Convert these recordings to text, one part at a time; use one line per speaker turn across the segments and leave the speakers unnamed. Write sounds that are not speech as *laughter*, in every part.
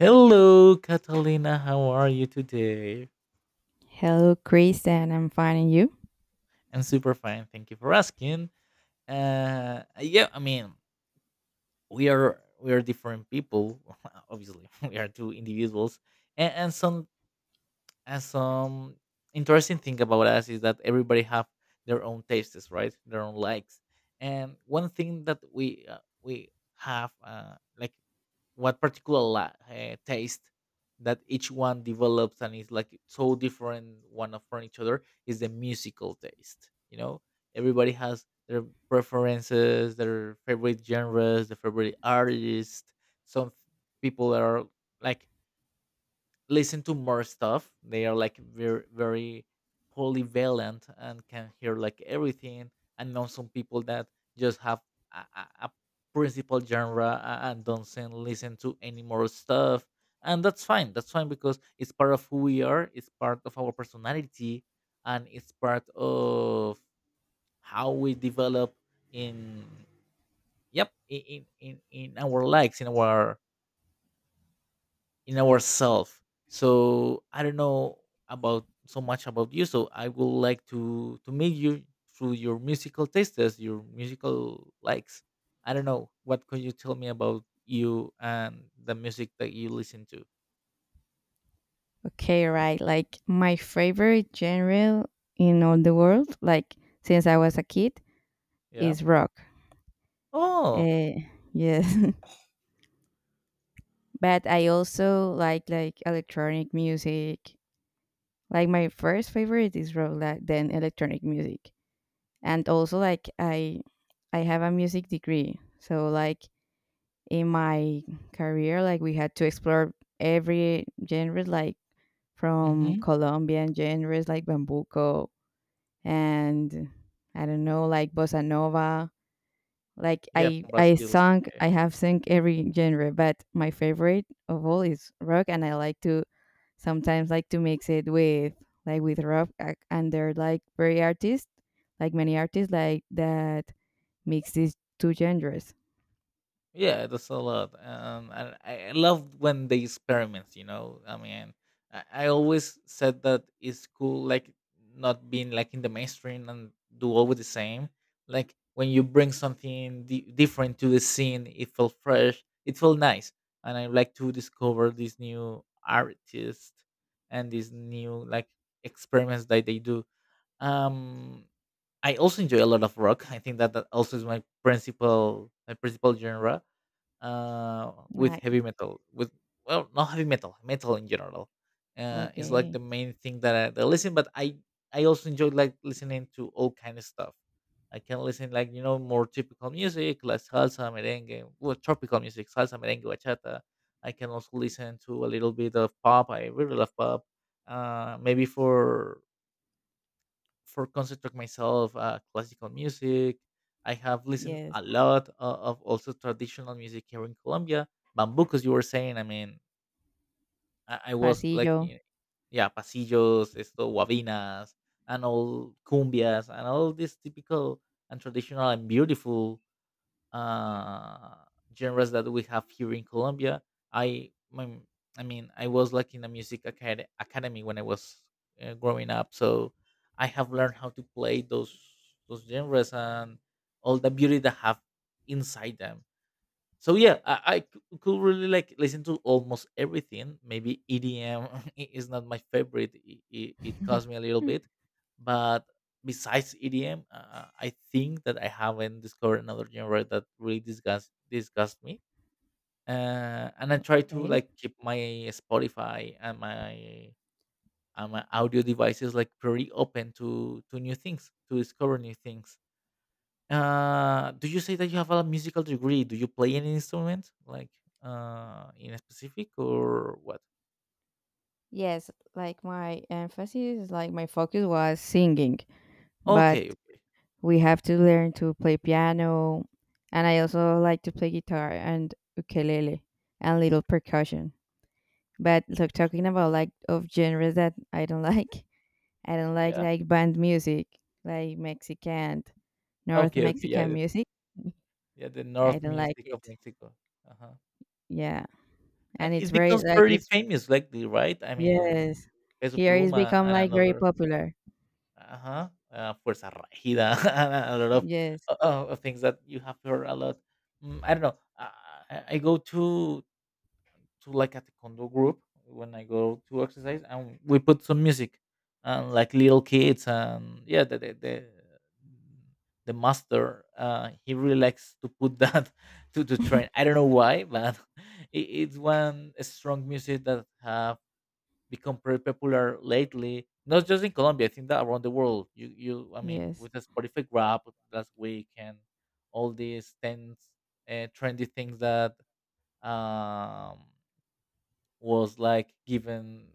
Hello, Catalina. How are you today?
Hello, Chris, and I'm finding you.
I'm super fine. Thank you for asking. Yeah, I mean, we are different people. *laughs* Obviously, *laughs* we are two individuals, and some And some interesting thing about us is that everybody have their own tastes, right? Their own likes. And one thing that we have like taste that each one develops and is like so different from each other is the musical taste. You know, everybody has their preferences, their favorite genres, their favorite artists. Some people are like listen to more stuff. They are like very polyvalent and can hear like everything. I know some people that just have a principal genre and don't listen to any more stuff. And that's fine. That's fine because it's part of who we are. It's part of our personality, and it's part of how we develop in in our likes in our in ourselves. So I don't know about so much about you. So I would like to meet you through your musical tastes, your musical likes. I don't know what could you tell me about you and the music that you listen to.
Okay, right. Like my favorite genre in all the world, like since I was a kid,
Yeah.
is rock.
Oh.
Uh, yes, *laughs* but I also like electronic music. Like my first favorite is rock, like, then electronic music, and also like I have a music degree, so like in my career, like we had to explore every genre, like from
hmm
Colombian genres like bambuco and I don't know, like bossa nova. Like
Yeah, from Brazil. Yeah.
I have sung every genre, but my favorite of all is rock, and I like to sometimes like to mix it with like with rock, and they're like very artists, like many artists like that mix these two genres.
Yeah, that's a lot. And I love when they experiment. You know, I mean, I always said that it's cool, like not being like in the mainstream and do always the same. Like when you bring something different to the scene, it felt fresh. It felt nice, and I like to discover these new artists and these new like experiments that they do. Um, I also enjoy a lot of rock. I think that that also is my principal genre with
Like
heavy metal, with well, not heavy metal, metal in general. Is like the
okay,
main thing that I listen. But I also enjoy like listening to all kind of stuff. I can listen like you know more typical music like salsa, merengue, well tropical music, salsa, merengue, bachata. I can also listen to a little bit of pop. I really love pop. Maybe for concentrate myself classical music. I have listened
yes,
a lot of also traditional music here in Colombia. Bambucos, you were saying. I mean, I was like
pasillo.
yeah, pasillos, esto, guabinas, and all cumbias and all this typical and traditional and beautiful uh, genres that we have here in Colombia. I my, I mean, I was like in a academy when I was growing up, so I have learned how to play those genres and all the beauty that have inside them. So yeah, I could really like listen to almost everything. Maybe EDM *laughs* is not my favorite; it costs me a little
*laughs*
bit. But besides EDM, I think that I haven't discovered another genre that really disgusts me. And I try to
okay.
like keep my Spotify and my audio devices like pretty open to new things, to discover new things. Do you say that you have a musical degree? Do you play any instrument, like in a specific or what?
Yes, like my emphasis, like my focus was singing, but
Okay, okay,
we have to learn to play piano, and I also like to play guitar and ukulele and little percussion. But like talking about like of genres that I don't like, *laughs* I don't like
yeah,
like band music, like Mexican, North
okay, okay, yeah,
Mexican music.
yeah, the
*laughs* I
North
don't like
music of
it.
Mexico, uh-huh.
Yeah,
And
and it's
it
very
becomes
like
pretty
it's
famous lately, right? I mean,
yes,
Peso
here it's
Pluma
become
and
like very
another,
popular.
uh-huh, Fuerza Regida, *laughs* and a lot of
Yes,
uh, things that you have heard a lot. Mm, I don't know. I go to like a taekwondo group when I go to exercise, and we put some music and like little kids and yeah, the master he really likes to put that *laughs* to train. I don't know why, but *laughs* it, it's one strong music that have become pretty popular lately. Not just in Colombia, I think that around the world. You I mean
yes.
with the Spotify grab last week and all these things, trendy things that um was like given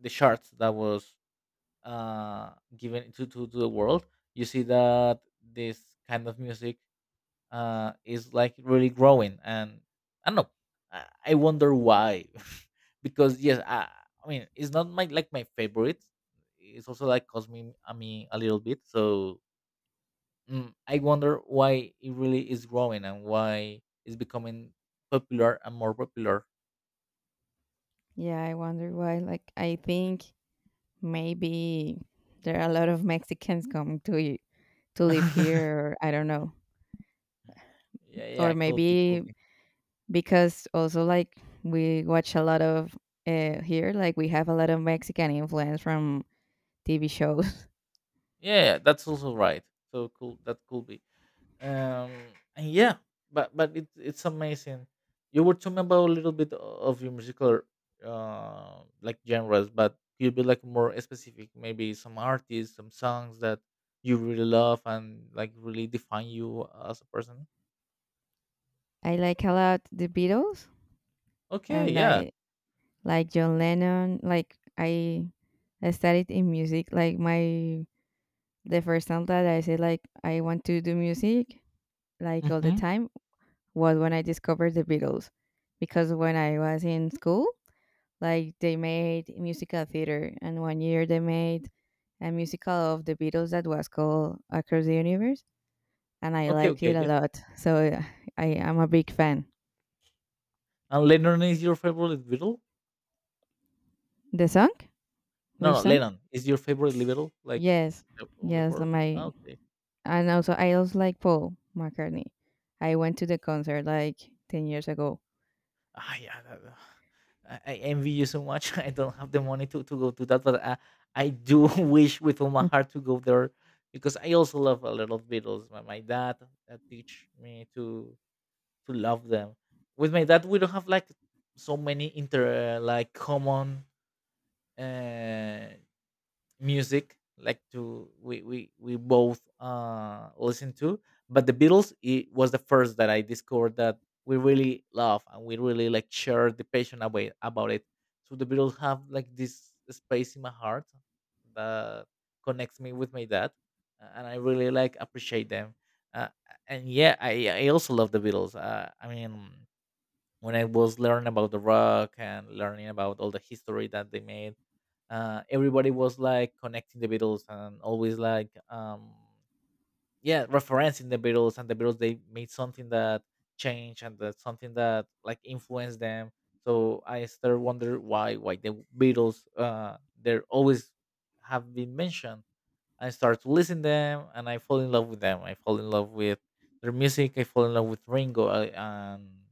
the charts that was uh given to the world. You see that this kind of music is like really growing and I don't know. I wonder why. *laughs* Because yes, I mean it's not my like my favorite. It's also like cost me, I mean, a little bit. So mm, I wonder why it really is growing and why it's becoming popular and more popular.
Yeah, I wonder why. Like, I think maybe there are a lot of Mexicans coming to to live
*laughs*
here. Or I don't know,
yeah yeah
or
could be could
maybe because also like we watch a lot of here, like we have a lot of Mexican influence from TV shows. *laughs*
Yeah, yeah, that's also right. So cool. That could be. Um, and yeah, but it's amazing. You were talking about a little bit of your musical, like genres, but you'd be like more specific. Maybe some artists, some songs that you really love and like really define you as a person.
I like a lot the Beatles.
Okay,
And
yeah.
I like John Lennon. I studied in music. Like my the first time that I said like I want to do music like all the
Mm-hmm.
time was when I discovered the Beatles, because when I was in school, like they made musical theater, and one year they made a musical of the Beatles that was called Across the Universe, and I
Okay,
liked it
okay,
a
yeah.
lot. So I am a big fan.
And Lennon is your favorite Beatle?
The song?
No,
Which
no,
song?
Lennon is your favorite Beatle, like
Yes,
of the
yes, like
four.
my
Okay.
And also I also like Paul McCartney. I went to the concert like 10 years ago.
Ah, yeah, that, I envy you so much. *laughs* I don't have the money to go to that, but I do *laughs* wish with all my
Hmm.
heart to go there because I also love a lot of Beatles. My dad teach me to love them. With my dad, we don't have like so many inter like common uh, music like we both listen to. But the Beatles, it was the first that I discovered that we really love and we really like share the passion away about it. So the Beatles have like this space in my heart that connects me with my dad. And I really like appreciate them. uh, and yeah, I also love the Beatles. I mean, when I was learning about the rock and learning about all the history that they made, everybody was like connecting the Beatles and always like yeah referencing the Beatles, and the Beatles they made something that changed and that something that like influenced them. So I started wonder why the Beatles they're always have been mentioned. I start to listen them and I fall in love with them. I fall in love with their music. I fall in love with and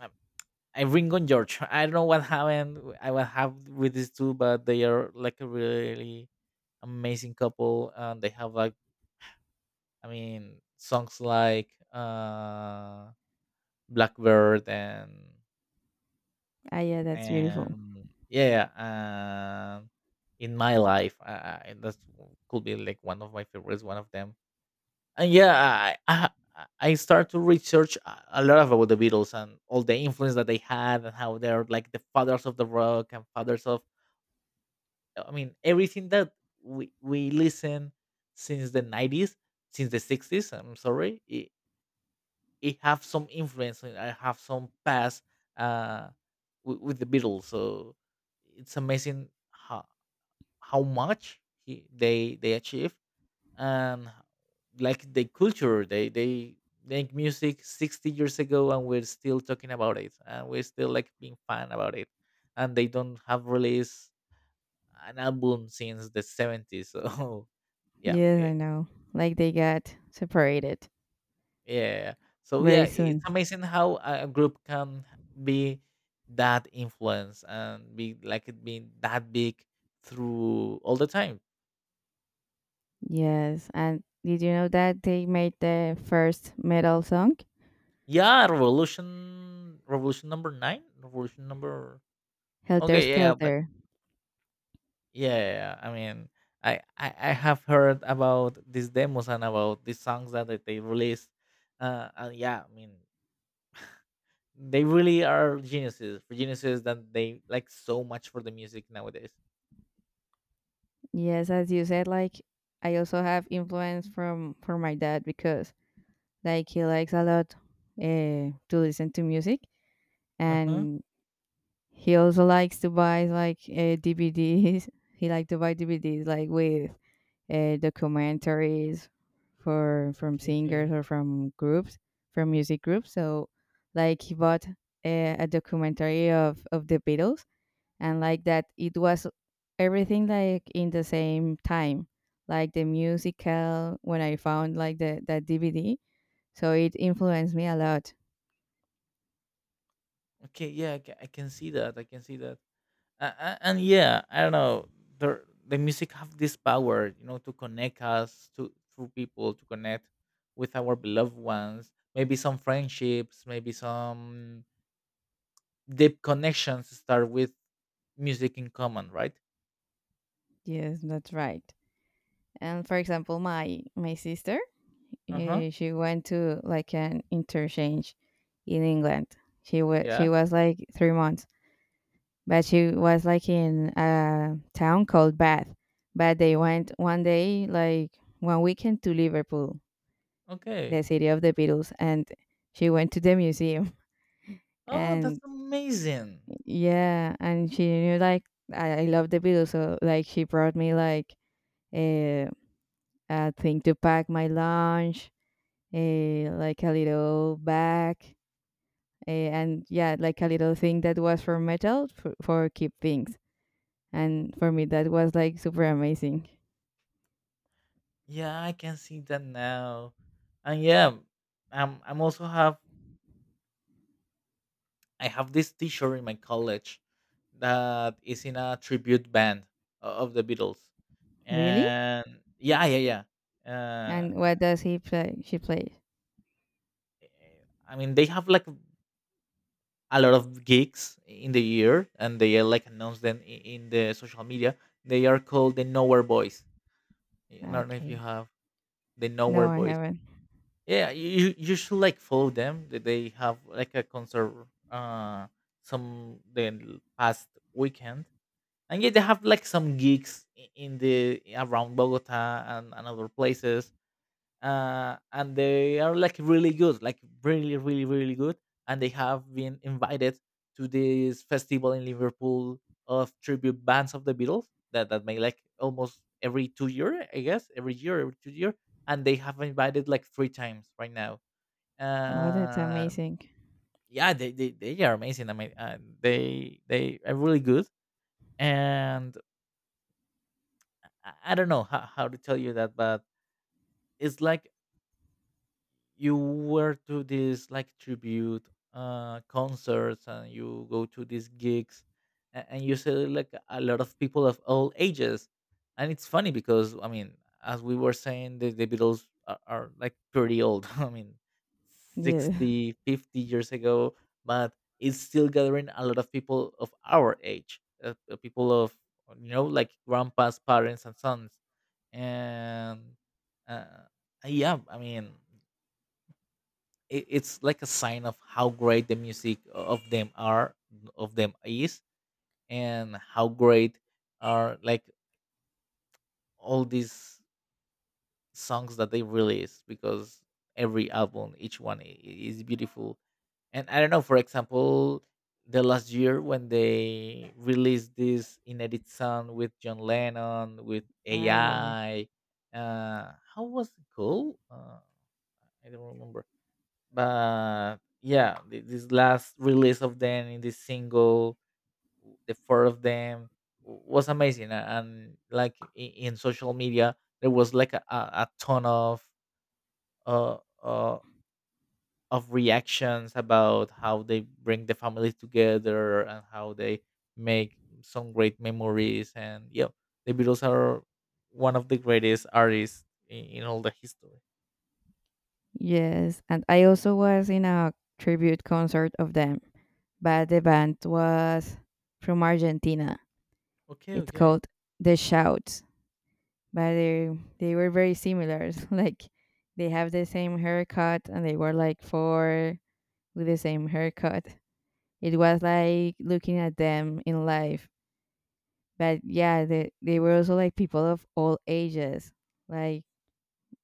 um, I Ringo and George. *laughs* I don't know what happened. I will have with these two, but they are like a really amazing couple, and they have like I mean songs like Blackbird
Ah, yeah, that's beautiful.
and yeah and In My Life. That could be like one of my favorites, one of them. And yeah, I start to research a lot about the Beatles and all the influence that they had and how they're like the fathers of the rock and fathers of I mean everything that we listen since the 90s, since the 60s. I'm sorry, it have some influence. And I have some past uh, with the Beatles. So it's amazing how much they achieve and like the culture they make music 60 years ago and we're still talking about it and we're still like being fan about it. And they don't have release an album since the 70s. So *laughs* yeah,
Yes,
eh,
I know. Like they got separated
yeah. So yeah,
very
it's
soon.
amazing how a group can be that influence and be like it being that big through all the time.
Yes, and did you know that they made the first metal song,
Yeah, revolution, revolution number nine, revolution number.
Helter
Okay, yeah, yeah, but
Skelter?
yeah, yeah. I mean, I have heard about these demos and about these songs that they released. And yeah, I mean, they really are geniuses. For geniuses that they like so much for the music nowadays.
Yes, as you said, like I also have influence from my dad because like he likes a lot to listen to music,
Uh huh.
and he also likes to buy like DVDs. *laughs* He likes to buy DVDs like with documentaries for from
Okay,
singers
okay.
or from groups, from music groups. So like he bought a documentary of the Beatles and like that it was everything like in the same time. Like the musical when I found like the that DVD, so it influenced me a lot.
Okay, yeah, I can see that. I can see that. And yeah, I don't know. The music have this power, you know, to connect us to through people, to connect with our beloved ones. Maybe some friendships, maybe some deep connections start with music in common, right?
Yes, that's right. And for example, my sister
Uh huh.
she went to like an interchange in England. She was
Yeah.
she was like 3 months, but she was like in a town called Bath. But they went one day, like one weekend, to Liverpool,
Okay.
the city of the Beatles, and she went to the museum. *laughs*
Oh, that's
And
amazing.
yeah, and she knew like I love the Beatles, so like she brought me like a, a thing to pack my lunch, a like a little bag. And yeah, like a little thing that was for metal for keep things. And for me, that was like super amazing.
Yeah, I can see that now. And yeah, um, I'm also have I have this T-shirt in my college that is in a tribute band of the Beatles.
Really?
And yeah, yeah, yeah.
And what does he play? She plays.
Eh, I mean, they have like a lot of gigs in the year, and they like announce them in the social media. They are called the Nowhere Boys. I don't know if you
Okay.
have the
No,
Nowhere
I
Boys.
haven't.
Yeah, you should like follow them. They have like a concert uh some the past weekend. And yeah, they have like some gigs in the around Bogota and other places. And they are like really good, like really, really, really good. And they have been invited to this festival in Liverpool of tribute bands of the Beatles that make like almost every 2 year, I guess, every year, every 2 year. And they have invited like three times right now.
Oh, that's
um,
amazing.
yeah, they are amazing. I mean, they are really good. And I don't know how to tell you that, but it's like you were to these like tribute concerts, and you go to these gigs and you see like a lot of people of all ages. And it's funny because, I mean, as we were saying, the Beatles are like pretty old, *laughs* I mean
Yeah. *laughs*
60, 50 years ago, but it's still gathering a lot of people of our age, people of, you know, like grandpas, parents, and sons. And uh, yeah, I mean, it's like a sign of how great the music of them are, of them is. And how great are, like, all these songs that they release, because every album, each one is beautiful. And I don't know, for example, the last year when they released this inedit song with John Lennon with
Ah, yeah, yeah.
AI. How was it called? I don't remember. But yeah, this last release of them, in this single, the four of them was amazing. And like in, social media, there was like a ton uh, uh of reactions about how they bring the family together and how they make some great memories. And yeah, the Beatles are one of the greatest artists in all the history.
Yes. And I also was in a tribute concert of them, but the band was from Argentina.
Okay,
It's
okay.
called The Shout. But they were very similar. *laughs* Like they have the same haircut and they were like four with the same haircut. It was like looking at them in life. But yeah, they were also like people of all ages. Like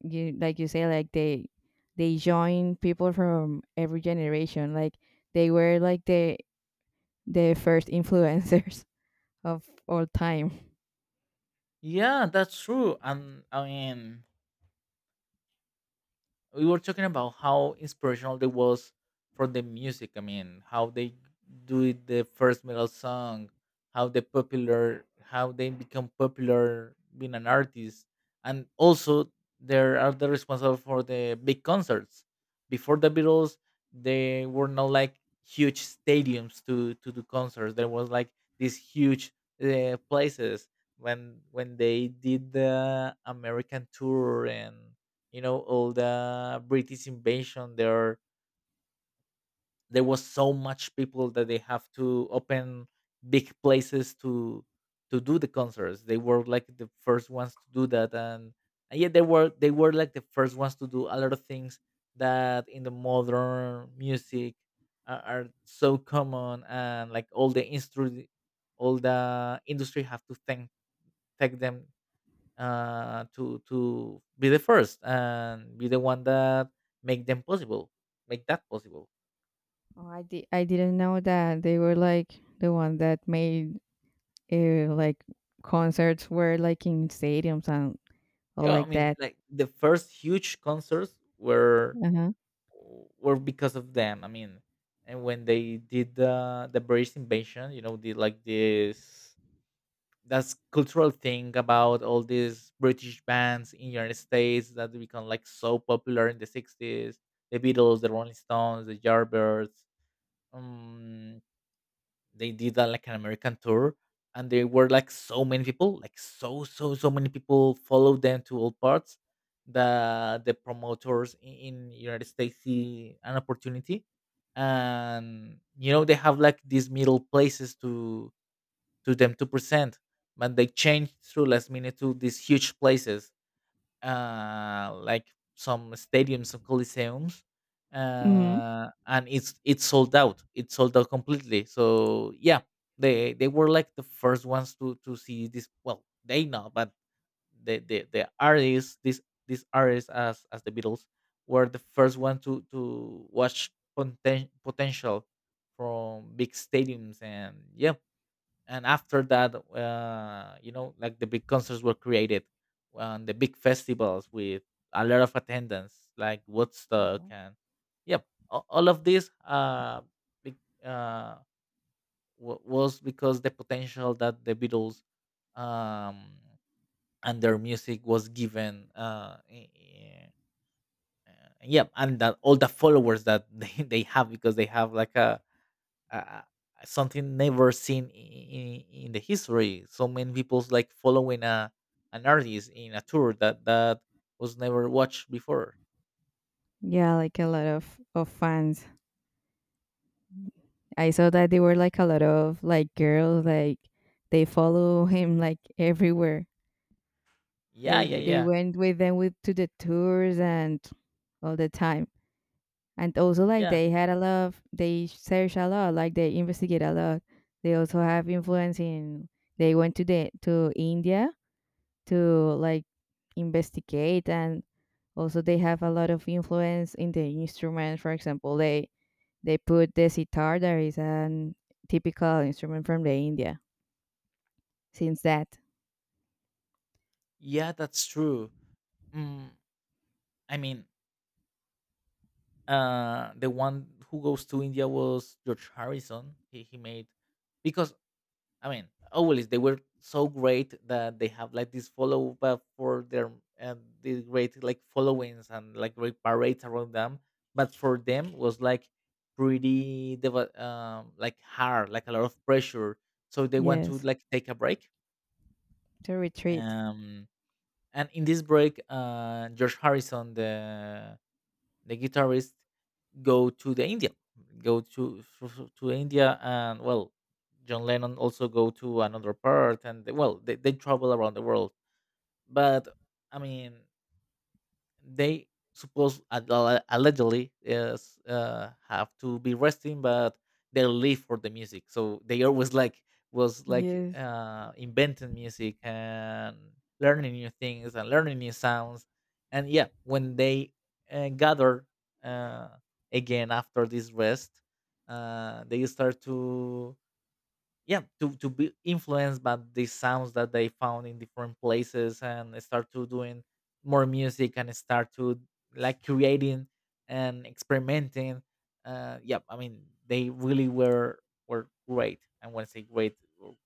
like you say, like they joined people from every generation. Like they were like the first influencers *laughs* of all time.
Yeah, that's true. And, I mean, we were talking about how inspirational they was for the music. I mean, how they do it, the first metal song, how they popular, how they become popular being an artist, and also they are the responsible for the big concerts. Before the Beatles, they were not like huge stadiums to do concerts. There was like these huge, places when they did the American tour. And you know, all the British invasion, there was so much people that they have to open big places to do the concerts. They were like the first ones to do that. And yeah, they were like the first ones to do a lot of things that in the modern music are so common. And like, all the industry, have to thank them. To be the first and be the one that make them possible, make that possible.
Oh, I didn't know that they were like the one that made like concerts were like in stadiums and all
Yeah, I
like
mean,
that.
like the first huge concerts were
Uh-huh.
were because of them. I mean, and when they did the British invasion, you know, did like this, that's cultural thing about all these British bands in United States that become like so popular in the 60s. The Beatles, the Rolling Stones, the Yardbirds. Um. They did like an American tour, and there were like so many people, like so many people followed them to all parts. The promoters in United States see an opportunity, and you know they have like these middle places to them to present, but they changed through last minute to these huge places, like some stadiums, some coliseums.
Hmm.
And it's sold out. It's sold out completely. So yeah, they were like the first ones to see this. Well, they know, but the artists, this these artists as the Beatles were the first one to watch potential from big stadiums. And yeah, and after that, you know, like the big concerts were created, and the big festivals with a lot of attendance like Woodstock
Oh.
and yep. All of this, be- uh, wa was because the potential that the Beatles um, and their music was given. Yep. And that all the followers that *laughs* they have because they have like a, uh, uh, something never seen in the history. So many people's like following a an artist in a tour that was never watched before.
Yeah, like a lot of fans. I saw that there were like a lot of like girls like they follow him like everywhere.
Yeah,
They
yeah,
they
yeah,
went with them with to the tours and all the time. And also like
yeah,
they had a lot of, they search a lot, like they investigate a lot. They also have influence in they went to the to India to like investigate and also they have a lot of influence in the instrument. For example, they put the sitar that is an typical instrument from the india since that.
yeah. That's true. Mm, I mean, the one who goes to India was George Harrison. He made because, I mean, always they were so great that they have like this follow up for their, and the great like followings and like great parades around them. But for them was like pretty like hard, like a lot of pressure. So they want to
Yes,
like take a break.
to retreat.
Um, and in this break, George Harrison, the guitarist, go to the India, go to India. And well, John Lennon also go to another part. And well, they travel around the world. But I mean, they suppose allegedly is, have to be resting, but they live for the music, so they always like was like,
Yes,
inventing music and learning new things and learning new sounds. And yeah, when they gather uh, again after this rest, they start to, yeah, to be influenced by the sounds that they found in different places, and start to doing more music, and start to, like, creating and experimenting. Yeah, I mean, they really were great. And when I say great,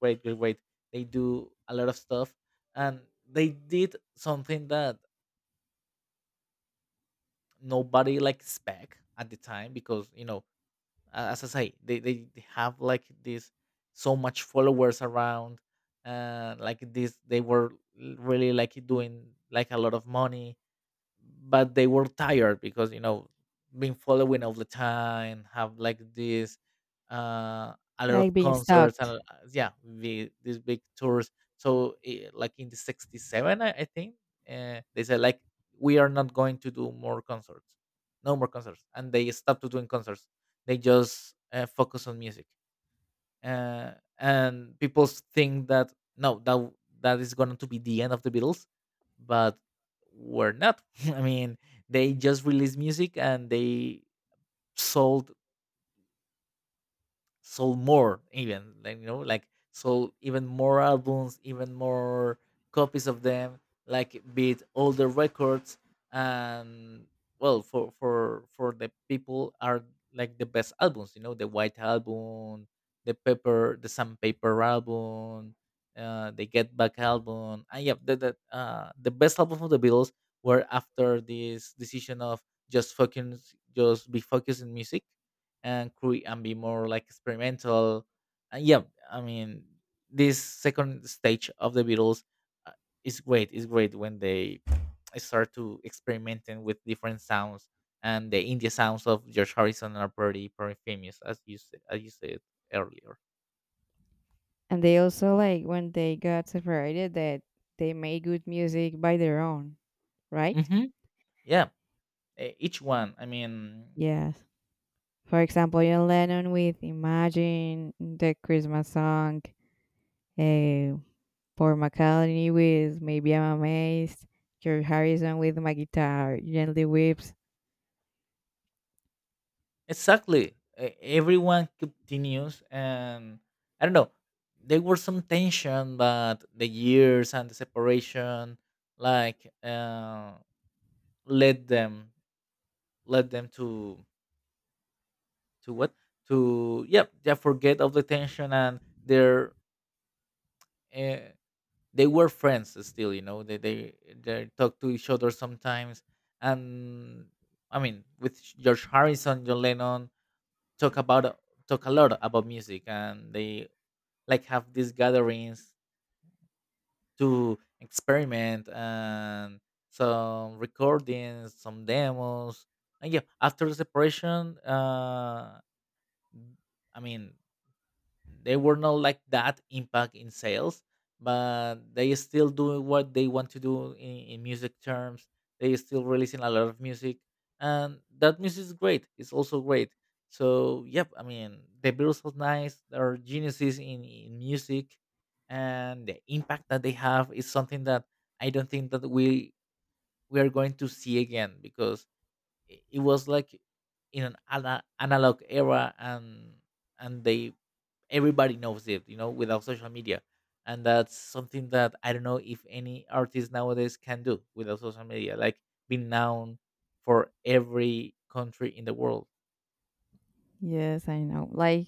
great, great, great, they do a lot of stuff. And they did something that nobody like spec at the time, because, you know, as I say, they have like this so much followers around. Like this. They were really like doing like a lot of money, but they were tired because, you know, been following all the time, have like this, uh a lot
like
of
being
concerts and,
stalked.
yeah, these big tours. So, like in the 67, I think, they said like, we are not going to do more concerts. No more concerts. And they stopped doing concerts. They just focus on music. And people think that, no, that that is going to be the end of the Beatles. But we're not. *laughs* I mean, they just released music, and they sold sold more, even, like, you know, like, sold even more albums, even more copies of them, like beat all the records. And well, for the people are like the best albums, you know, the White Album, the sandpaper album, the Get Back album. And yeah, the best album of the Beatles were after this decision of, just be focused in music, and and be more like experimental. And yeah, I mean, this second stage of the Beatles, uh, is great. It's great when they start to experimenting with different sounds, and the indie sounds of George Harrison are pretty famous, as you said, earlier.
And they also like when they got separated that they made good music by their own, right?
Hmm. Yeah, each one. I mean.
Yes, for example, John Lennon with Imagine, the Christmas song, uh, Paul McCartney with Maybe I'm Amazed, George Harrison with My Guitar Gently Weeps.
Exactly. Everyone continues, and I don't know. There were some tension, but the years and the separation, like, led them led them to what, to, yeah, yeah, forget of the tension. And their, uh, they were friends still. You know they talk to each other sometimes. And I mean, with George Harrison, John Lennon talk about talk a lot about music, and they like have these gatherings to experiment, and some recordings, some demos. And yeah, after the separation, I mean, they were not like that impact in sales, but they still doing what they want to do in music terms. They still releasing a lot of music, and that music is great, it's also great. So yep, I mean, the Beatles are nice, they're geniuses in music. And the impact that they have is something that I don't think that we are going to see again, because it was like in an analog era. And they, everybody knows it, you know, without social media. And that's something that I don't know if any artist nowadays can do without social media, like being known for every country in the world.
Yes, I know. Like,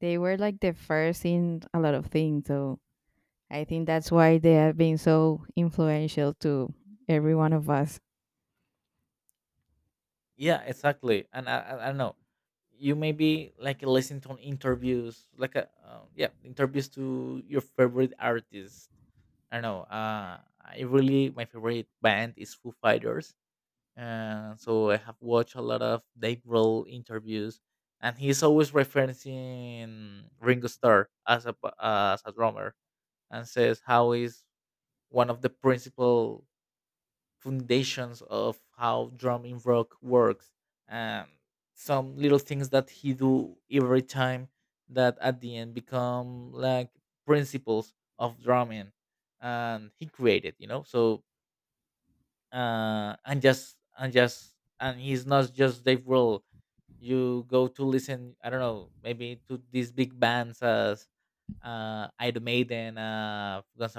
they were like the first in a lot of things. So I think that's why they have been so influential to every one of us.
Yeah, exactly. And I don't know, you maybe like listen to interviews, like a yeah, interviews to your favorite artist. I don't know. I really My favorite band is Foo Fighters. So I have watched a lot of Dave Grohl interviews, and he's always referencing Ringo Starr as a drummer, and says how is one of the principal foundations of how drum in rock works, and some little things that he do every time, that at the end become like principles of drumming, and he created, you know. So, and he's not just Dave Grohl. You go to listen, I don't know, maybe to these big bands as, Iron Maiden, Guns